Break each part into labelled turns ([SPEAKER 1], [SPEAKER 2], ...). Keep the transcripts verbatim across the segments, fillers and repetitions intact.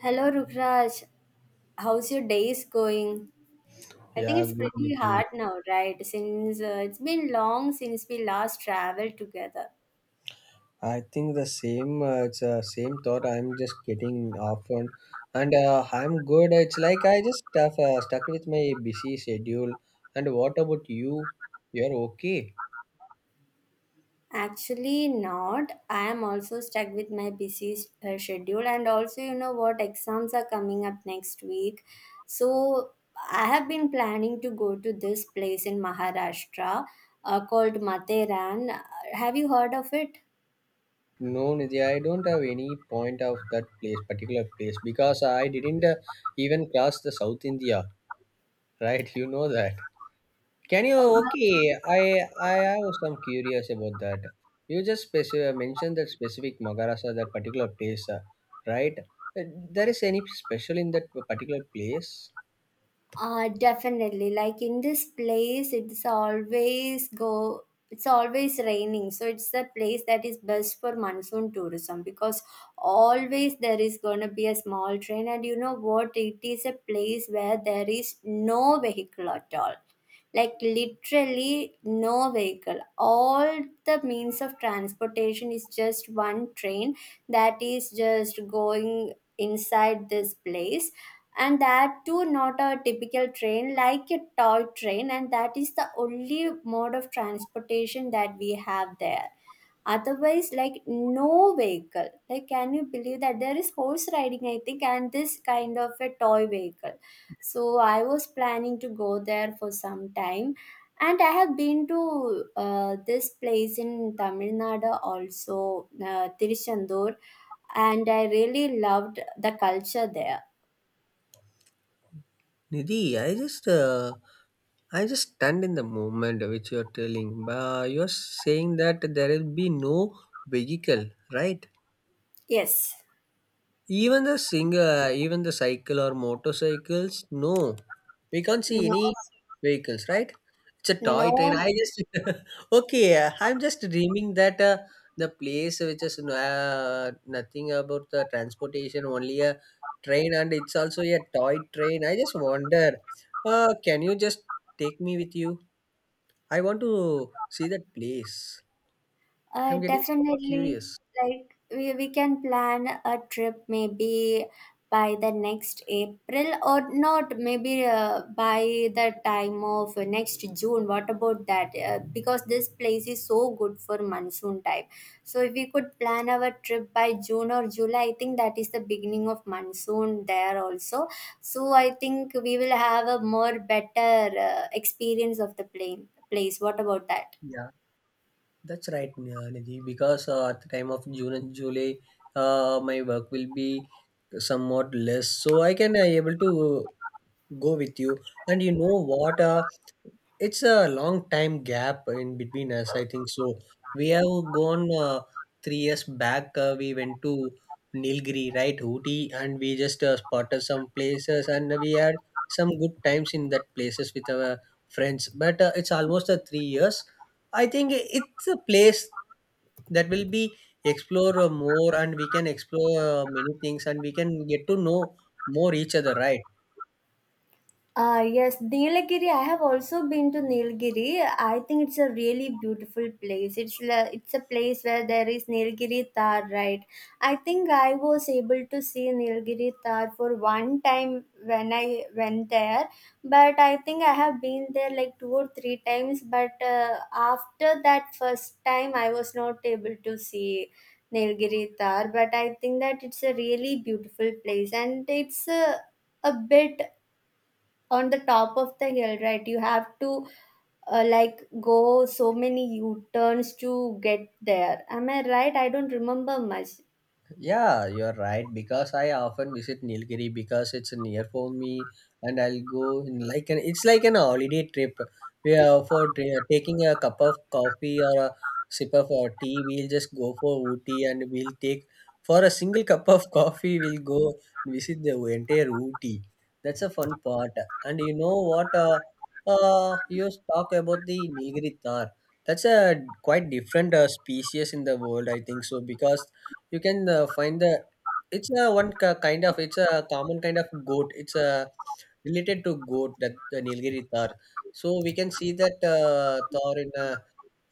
[SPEAKER 1] Hello, Rukraj. How's your days going? I think
[SPEAKER 2] Yeah,
[SPEAKER 1] it's
[SPEAKER 2] good
[SPEAKER 1] pretty
[SPEAKER 2] Nidhi.
[SPEAKER 1] hard now, right? Since uh, it's been long since we last traveled together.
[SPEAKER 2] I think the same. Uh, it's uh, same thought. I'm just getting often, and uh, I'm good. It's like I just stuff uh, stuck with my busy schedule. And what about you? You're okay?
[SPEAKER 1] Actually, not. I am also stuck with my busy uh, schedule, and also, you know what, exams are coming up next week. So, I have been planning to go to this place in Maharashtra uh, called Matheran. Uh, Have you heard of it?
[SPEAKER 2] No, Nidhi. I don't have any point of that place, particular place, because I didn't uh, even cross the South India. Right? You know that. Can you?
[SPEAKER 1] Uh,
[SPEAKER 2] Okay, I I I was some curious about that. You just specific mentioned that specific Magarasa, that particular place, uh, right? Uh, There is any special in that particular place?
[SPEAKER 1] Uh, definitely. Like in this place, it's always go. It's always raining, so it's the place that is best for monsoon tourism because always there is gonna be a small train, and you know what? It is a place where there is no vehicle at all, like literally no vehicle. All the means of transportation is just one train that is just going inside this place, and that too not a typical train, like a toy train, and that is the only mode of transportation that we have there. Otherwise, like no vehicle. Like can you believe that? There is horse riding, I think, and this kind of a toy vehicle. So I was planning to go there for some time, and I have been to uh, this place in Tamil Nadu also, uh, Tiruchandur, and I really loved the culture there.
[SPEAKER 2] Nidhi, I just uh, I just stunned in the moment which you are telling. Uh, you are saying that there will be no vehicle, right?
[SPEAKER 1] Yes.
[SPEAKER 2] Even the singer, even the cycle or motorcycles, no. We can't see
[SPEAKER 1] No,
[SPEAKER 2] any vehicles, right? It's a toy train.
[SPEAKER 1] no,
[SPEAKER 2] I just okay. uh, I'm just dreaming that uh, the place which is uh, nothing about the transportation, only a train, and it's also a toy train. I just wonder. Uh, can you just take me with you? I want to see that place.
[SPEAKER 1] uh,
[SPEAKER 2] I'm getting so
[SPEAKER 1] definitely.
[SPEAKER 2] curious.
[SPEAKER 1] Like we, we can plan a trip maybe by the next April, or not, maybe uh, by the time of next June. What about that? Uh, because this place is so good for monsoon time. So if we could plan our trip by June or July, I think that is the beginning of monsoon there also. So I think we will have a more better uh, experience of the plane place. What about that?
[SPEAKER 2] Yeah. That's right, uh, Nidhi, because uh, at the time of June and July, uh, my work will be somewhat less, so I can uh, able to go with you, and you know what, uh, it's a long time gap in between us, I think so. We have gone uh, three years back. Uh, we went to Nilgiri, right? Ooty. And we just uh, spotted some places, and we had some good times in that places with our friends. But uh, it's almost uh, three years, I think. It's a place that will be explore uh, more, and we can explore uh, many things, and we can get to know more each other, right?
[SPEAKER 1] Uh, yes, Nilgiri. I have also been to Nilgiri. I think it's a really beautiful place. It's la- it's a place where there is Nilgiri Tar, right? I think I was able to see Nilgiri Tar for one time when I went there, but I think I have been there like two or three times. But uh, after that first time, I was not able to see Nilgiri Tar. But I think that it's a really beautiful place, and it's a a bit on the top of the hill, right? You have to uh, like go so many u-turns to get there. Am I right? I don't remember much.
[SPEAKER 2] Yeah, you're right. Because I often visit Nilgiri because it's near for me, and I'll go in like an, it's like an holiday trip. We are for t- uh, taking a cup of coffee or a sip of uh, tea. We'll just go for Ooty, and we'll take for a single cup of coffee. We'll go and visit the entire Ooty. That's a fun part. And you know what? Uh, uh, you talk about the Nilgiri tar. That's a quite different uh, species in the world, I think so, because you can uh, find the it's a one ki- kind of it's a common kind of goat. It's a related to goat, that the Nilgiri tar. So we can see that uh, tar in a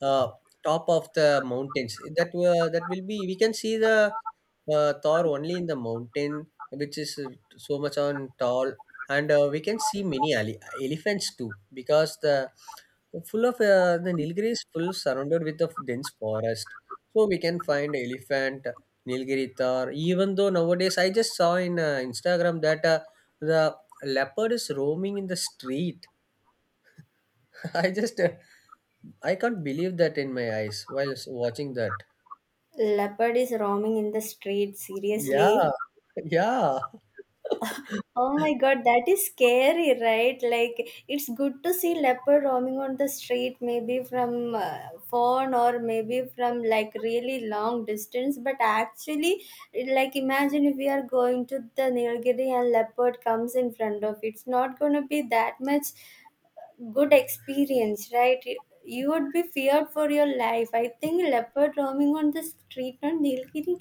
[SPEAKER 2] uh, top of the mountains. That uh, that will be we can see the uh, tar only in the mountain, which is uh, so much on tall. And uh, we can see many ele- elephants too, because the full of uh, the Nilgiri is full surrounded with a dense forest. So we can find elephant, Nilgiri Thar. Even though nowadays I just saw in uh, Instagram that uh, the leopard is roaming in the street. I just uh, I can't believe that in my eyes while s- watching that.
[SPEAKER 1] Leopard is roaming in the street,
[SPEAKER 2] Yeah,
[SPEAKER 1] seriously?
[SPEAKER 2] yeah.
[SPEAKER 1] Oh my god, that is scary, right? Like it's good to see leopard roaming on the street, maybe from uh, phone, or maybe from like really long distance. But actually, like imagine if we are going to the Nilgiri and leopard comes in front of it. It's not gonna be that much good experience, right? You would be feared for your life. I think leopard roaming on the street on Nilgiri,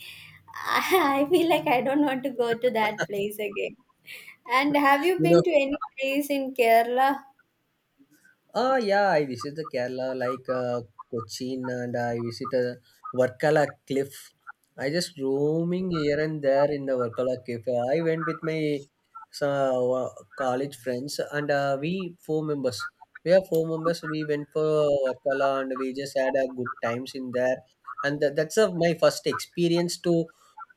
[SPEAKER 1] I, I feel like I don't want to go to that place again. And have you
[SPEAKER 2] You,
[SPEAKER 1] been to any place in Kerala?
[SPEAKER 2] ah, yeah, I visited the Kerala like, uh, Cochin, and I visited Varkala Cliff. I just roaming here and there in the Varkala Cliff. I went with my, so, uh, college friends, and uh, we four members. We are four members. We went for Varkala, and we just had a good times in there. And tha- that's uh, my first experience to,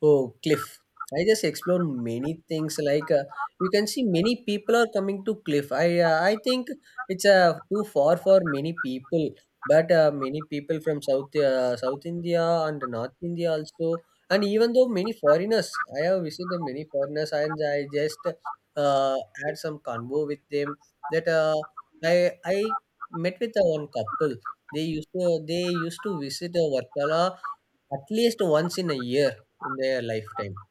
[SPEAKER 2] oh, cliff. I just explored many things like, uh, you can see many people are coming to cliff. I uh, I think it's uh, too far for many people, but uh, many people from South uh, South India and North India also, and even though many foreigners, I have visited many foreigners, and I just uh, had some convo with them. That uh, I I met with uh, one couple. They used to they used to visit uh, Varkala at least once in a year in their lifetime.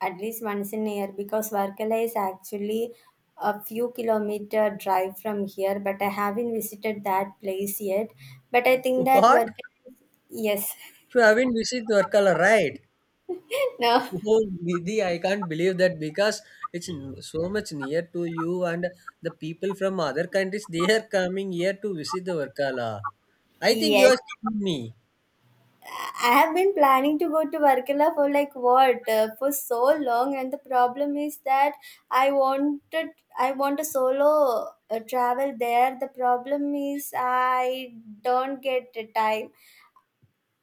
[SPEAKER 1] At least once in a year, because Varkala is actually a few kilometer drive from here, but I haven't visited that place yet. But I think that
[SPEAKER 2] What?
[SPEAKER 1] Varkala, yes,
[SPEAKER 2] You haven't visited Varkala, right?
[SPEAKER 1] no,
[SPEAKER 2] Oh, Nidhi, I can't believe that because it's n- so much near to you, and the people from other countries, they are coming here to visit the Varkala. I think you
[SPEAKER 1] yes.
[SPEAKER 2] are kidding me.
[SPEAKER 1] I have been planning to go to Varkala for like what, uh, for so long, and the problem is that I wanted I want a solo uh, travel there. The problem is I don't get the time.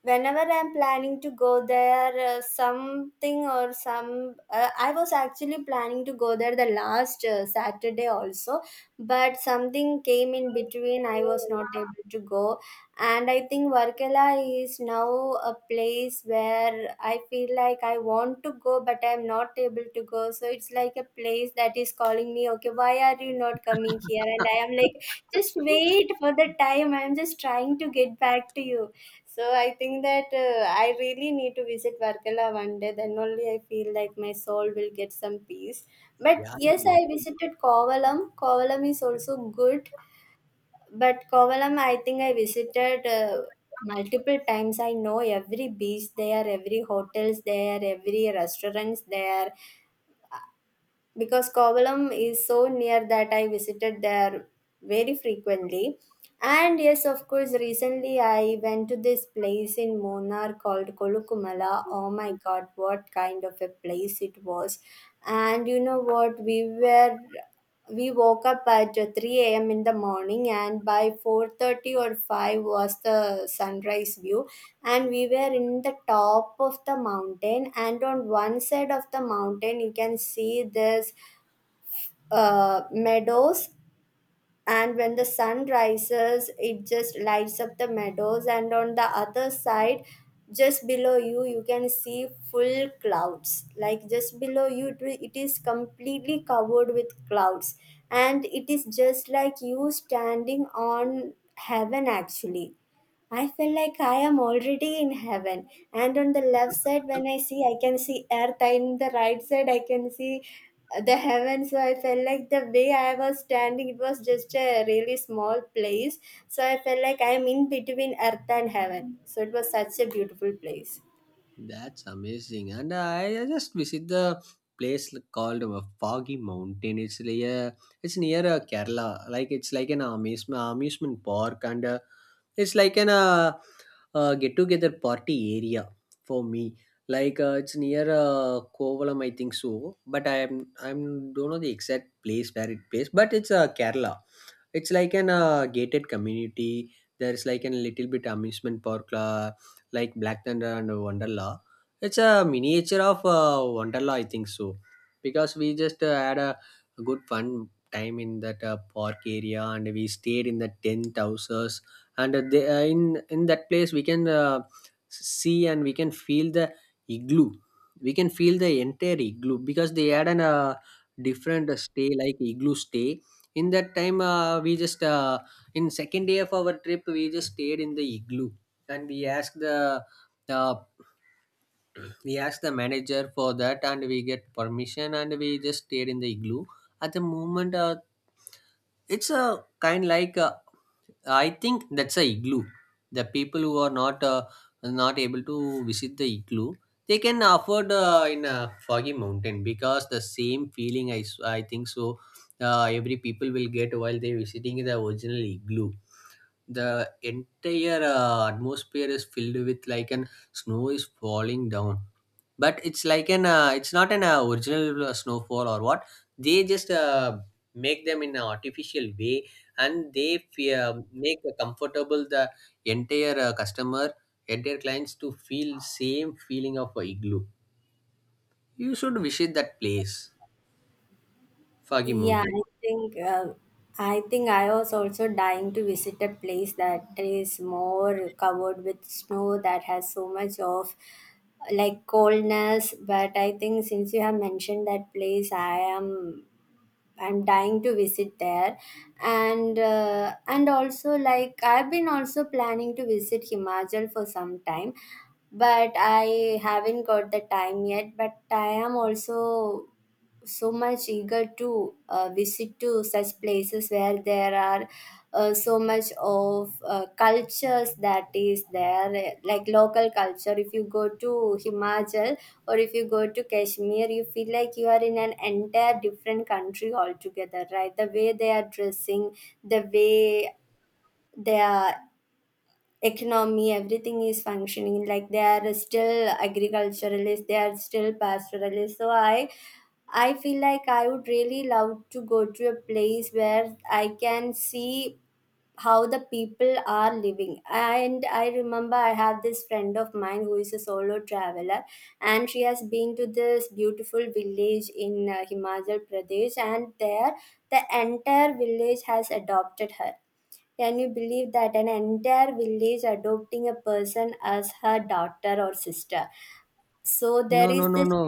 [SPEAKER 1] Whenever I'm planning to go there, uh, something or some uh, I was actually planning to go there the last uh, Saturday also, but something came in between. I was not able to go. And I think Varkala is now a place where I feel like I want to go, but I'm not able to go. So it's like a place that is calling me, okay, why are you not coming here? And I am like, just wait for the time, I'm just trying to get back to you. So I think that uh, I really need to visit Varkala one day. Then only I feel like my soul will get some peace. But
[SPEAKER 2] Yeah,
[SPEAKER 1] yes,
[SPEAKER 2] Nidhi.
[SPEAKER 1] I visited Kovalam. Kovalam is also good, but Kovalam I think I visited uh, multiple times. I know every beach there, every hotels there, every restaurants there, because Kovalam is so near that I visited there very frequently. And yes, of course, recently I went to this place in Munnar called Kolukumala. Oh my god, what kind of a place it was! And you know what? We were we woke up at uh, three a m in the morning, and by four thirty or five was the sunrise view, and we were in the top of the mountain, and on one side of the mountain you can see this uh, meadows, and when the sun rises it just lights up the meadows. And on the other side, just below you, you can see full clouds. Like just below you, it will- it is completely covered with clouds, and it is just like you standing on heaven actually. I feel like I am already in heaven. And on the left side, when I see, I can see earth. And the right side, I can see uh, the heaven. So I felt like the way I was standing, it was just a really small place. So I felt like I am in between earth and heaven. So it was such a beautiful place.
[SPEAKER 2] That's amazing. And I, I just visit the place l- called uh, Foggy Mountain. It's like a, it's near uh, Kerala. Like it's like an amusement amusement park, and uh, it's like an uh, uh, get together party area for me. Like uh, it's near uh, Kovalam, I think so. But I am I'm don't know the exact place where it plays. But it's uh, Kerala. It's like an uh, gated community. There's like a little bit amusement park. Uh, like Black Thunder and Wonderla. It's a miniature of uh, Wonderla, I think so, because we just uh, had a, good fun time in that uh, park area, and we stayed in the tent houses. And uh, they, uh, in in that place we can uh, see and we can feel the igloo. We can feel the entire igloo, because they had an uh, different stay, like igloo stay. In that time, uh, we just uh, in second day of our trip, we just stayed in the igloo, and we ask the uh, we ask the manager for that, and we get permission, and we just stayed in the igloo. At the moment, uh, it's a kind like, uh, I think that's a igloo. The people who are not uh, not able to visit the igloo, they can afford uh, in a foggy mountain, because the same feeling, i, s- I think so, uh, every people will get while they visiting the original igloo. The entire uh, atmosphere is filled with like an snow is falling down, but it's like an, uh, it's not an uh, original uh, snowfall or what. They just uh, make them in an artificial way, and they fe- uh, make a comfortable the entire uh, customer, entire clients to feel same feeling of a igloo. You should visit that place, Foggy
[SPEAKER 1] Yeah,
[SPEAKER 2] Mountain.
[SPEAKER 1] I think um I think I was also dying to visit a place that is more covered with snow, that has so much of like coldness. But I think since you have mentioned that place, I am I'm dying to visit there, and uh, and also like I've been also planning to visit Himachal for some time, but I haven't got the time yet. But I am also so much eager to uh, visit to such places where there are uh, so much of uh, cultures that is there. Like local culture, if you go to Himachal or if you go to Kashmir, you feel like you are in an entire different country altogether, right? The way they are dressing, the way they are economy, everything is functioning, like they are still agriculturalists, they are still pastoralists. So i i feel like I would really love to go to a place where I can see how the people are living. And I remember I have this friend of mine who is a solo traveler, and she has been to this beautiful village in uh, Himachal Pradesh, and there the entire village has adopted her. Can you believe that an entire village adopting a person as her daughter or sister? So
[SPEAKER 2] No,
[SPEAKER 1] there
[SPEAKER 2] no,
[SPEAKER 1] is
[SPEAKER 2] no,
[SPEAKER 1] this
[SPEAKER 2] no.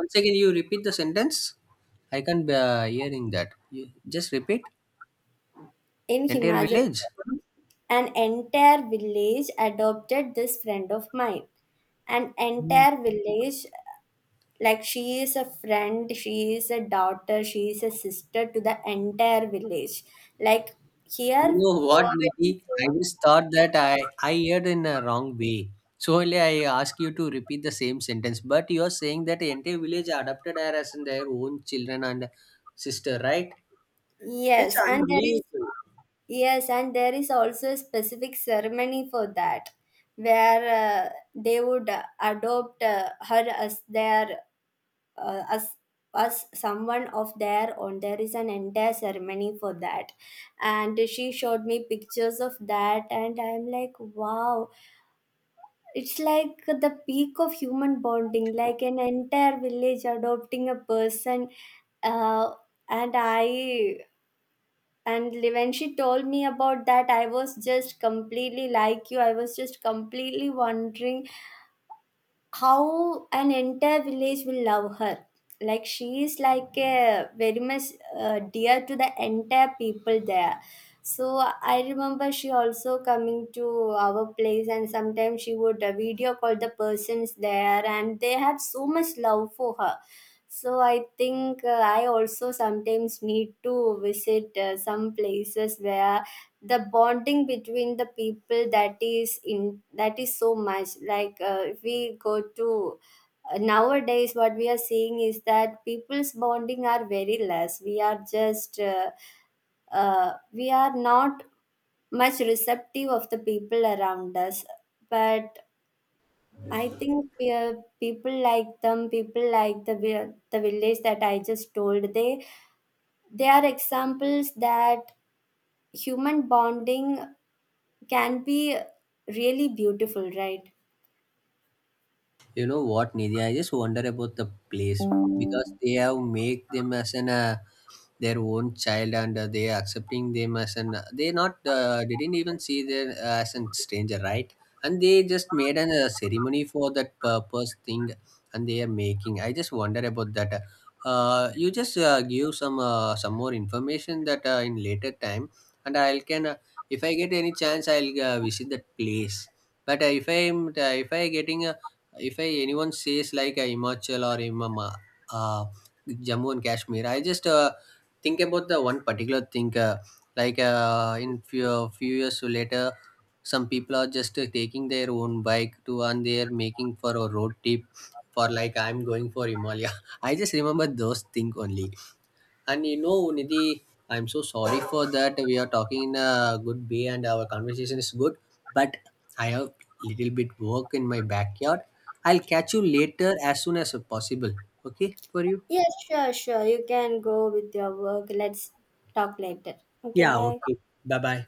[SPEAKER 2] Once again, you repeat the sentence. I can't be uh, hearing that. You just repeat.
[SPEAKER 1] in
[SPEAKER 2] Entire
[SPEAKER 1] Himachal,
[SPEAKER 2] village.
[SPEAKER 1] Pradesh, an entire village adopted this friend of mine. An
[SPEAKER 2] Mm.
[SPEAKER 1] entire village, like she is a friend, she is a daughter, she is a sister to the entire village. Like
[SPEAKER 2] You
[SPEAKER 1] here,
[SPEAKER 2] know what, Nidhi? I just thought that I I heard in a wrong way. So only I ask you to repeat the same sentence. But you are saying that the entire village adopted her as in their own children and sister, right? It's
[SPEAKER 1] yes, and there is
[SPEAKER 2] unbelievable.
[SPEAKER 1] Yes, and there is also a specific ceremony for that, where uh, they would uh, adopt uh, her as their uh, as as someone of their own. There is an entire ceremony for that, and she showed me pictures of that, and I'm like, wow, it's like the peak of human bonding, like an entire village adopting a person, uh, and I and li- when she told me about that, I was just completely like you. I was just completely wondering how an entire village will love her, like she is like a very much uh, dear to the entire people there. So I remember she also coming to our place, and sometimes she would uh, video call the persons there, and they had so much love for her. So I think uh, I also sometimes need to visit uh, some places where the bonding between the people that is in that is so much. Like uh, if we go to uh, nowadays, what we are seeing is that people's bonding are very less. We are just uh, uh, we are not much receptive of the people around us. But I think we are, people like them, people like the vi- the village that I just told, they they are examples that human bonding can be really beautiful, right?
[SPEAKER 2] You know what, Nidhi? I just wonder about the place, because they have made them as an uh, their own child, and uh, they are accepting them as an, they not uh, didn't even see them as a stranger, right? And they just made an uh, ceremony for that purpose thing, and they are making, I just wonder about that. Uh, you just uh, give some uh, some more information that uh, in later time, and i'll can uh, if I get any chance, I'll uh, visit that place. But uh, if i'm uh, if I getting a, if I anyone says like uh, Himachal or Imama, uh, Jammu and Kashmir, I just uh, think about the one particular thing, uh, like uh, in few, few years later, some people are just uh, taking their own bike to, and they are making for a road trip, for like I'm going for Himalaya. I just remember those things only. And you know, Nidhi, I'm so sorry for that. We are talking in a good way, and our conversation is good, but I have little bit work in my backyard. I'll catch you later as soon as possible. Okay for you?
[SPEAKER 1] Yes, sure, sure. You can go with your work. Let's talk later. Okay,
[SPEAKER 2] Yeah,
[SPEAKER 1] bye.
[SPEAKER 2] okay. Bye bye.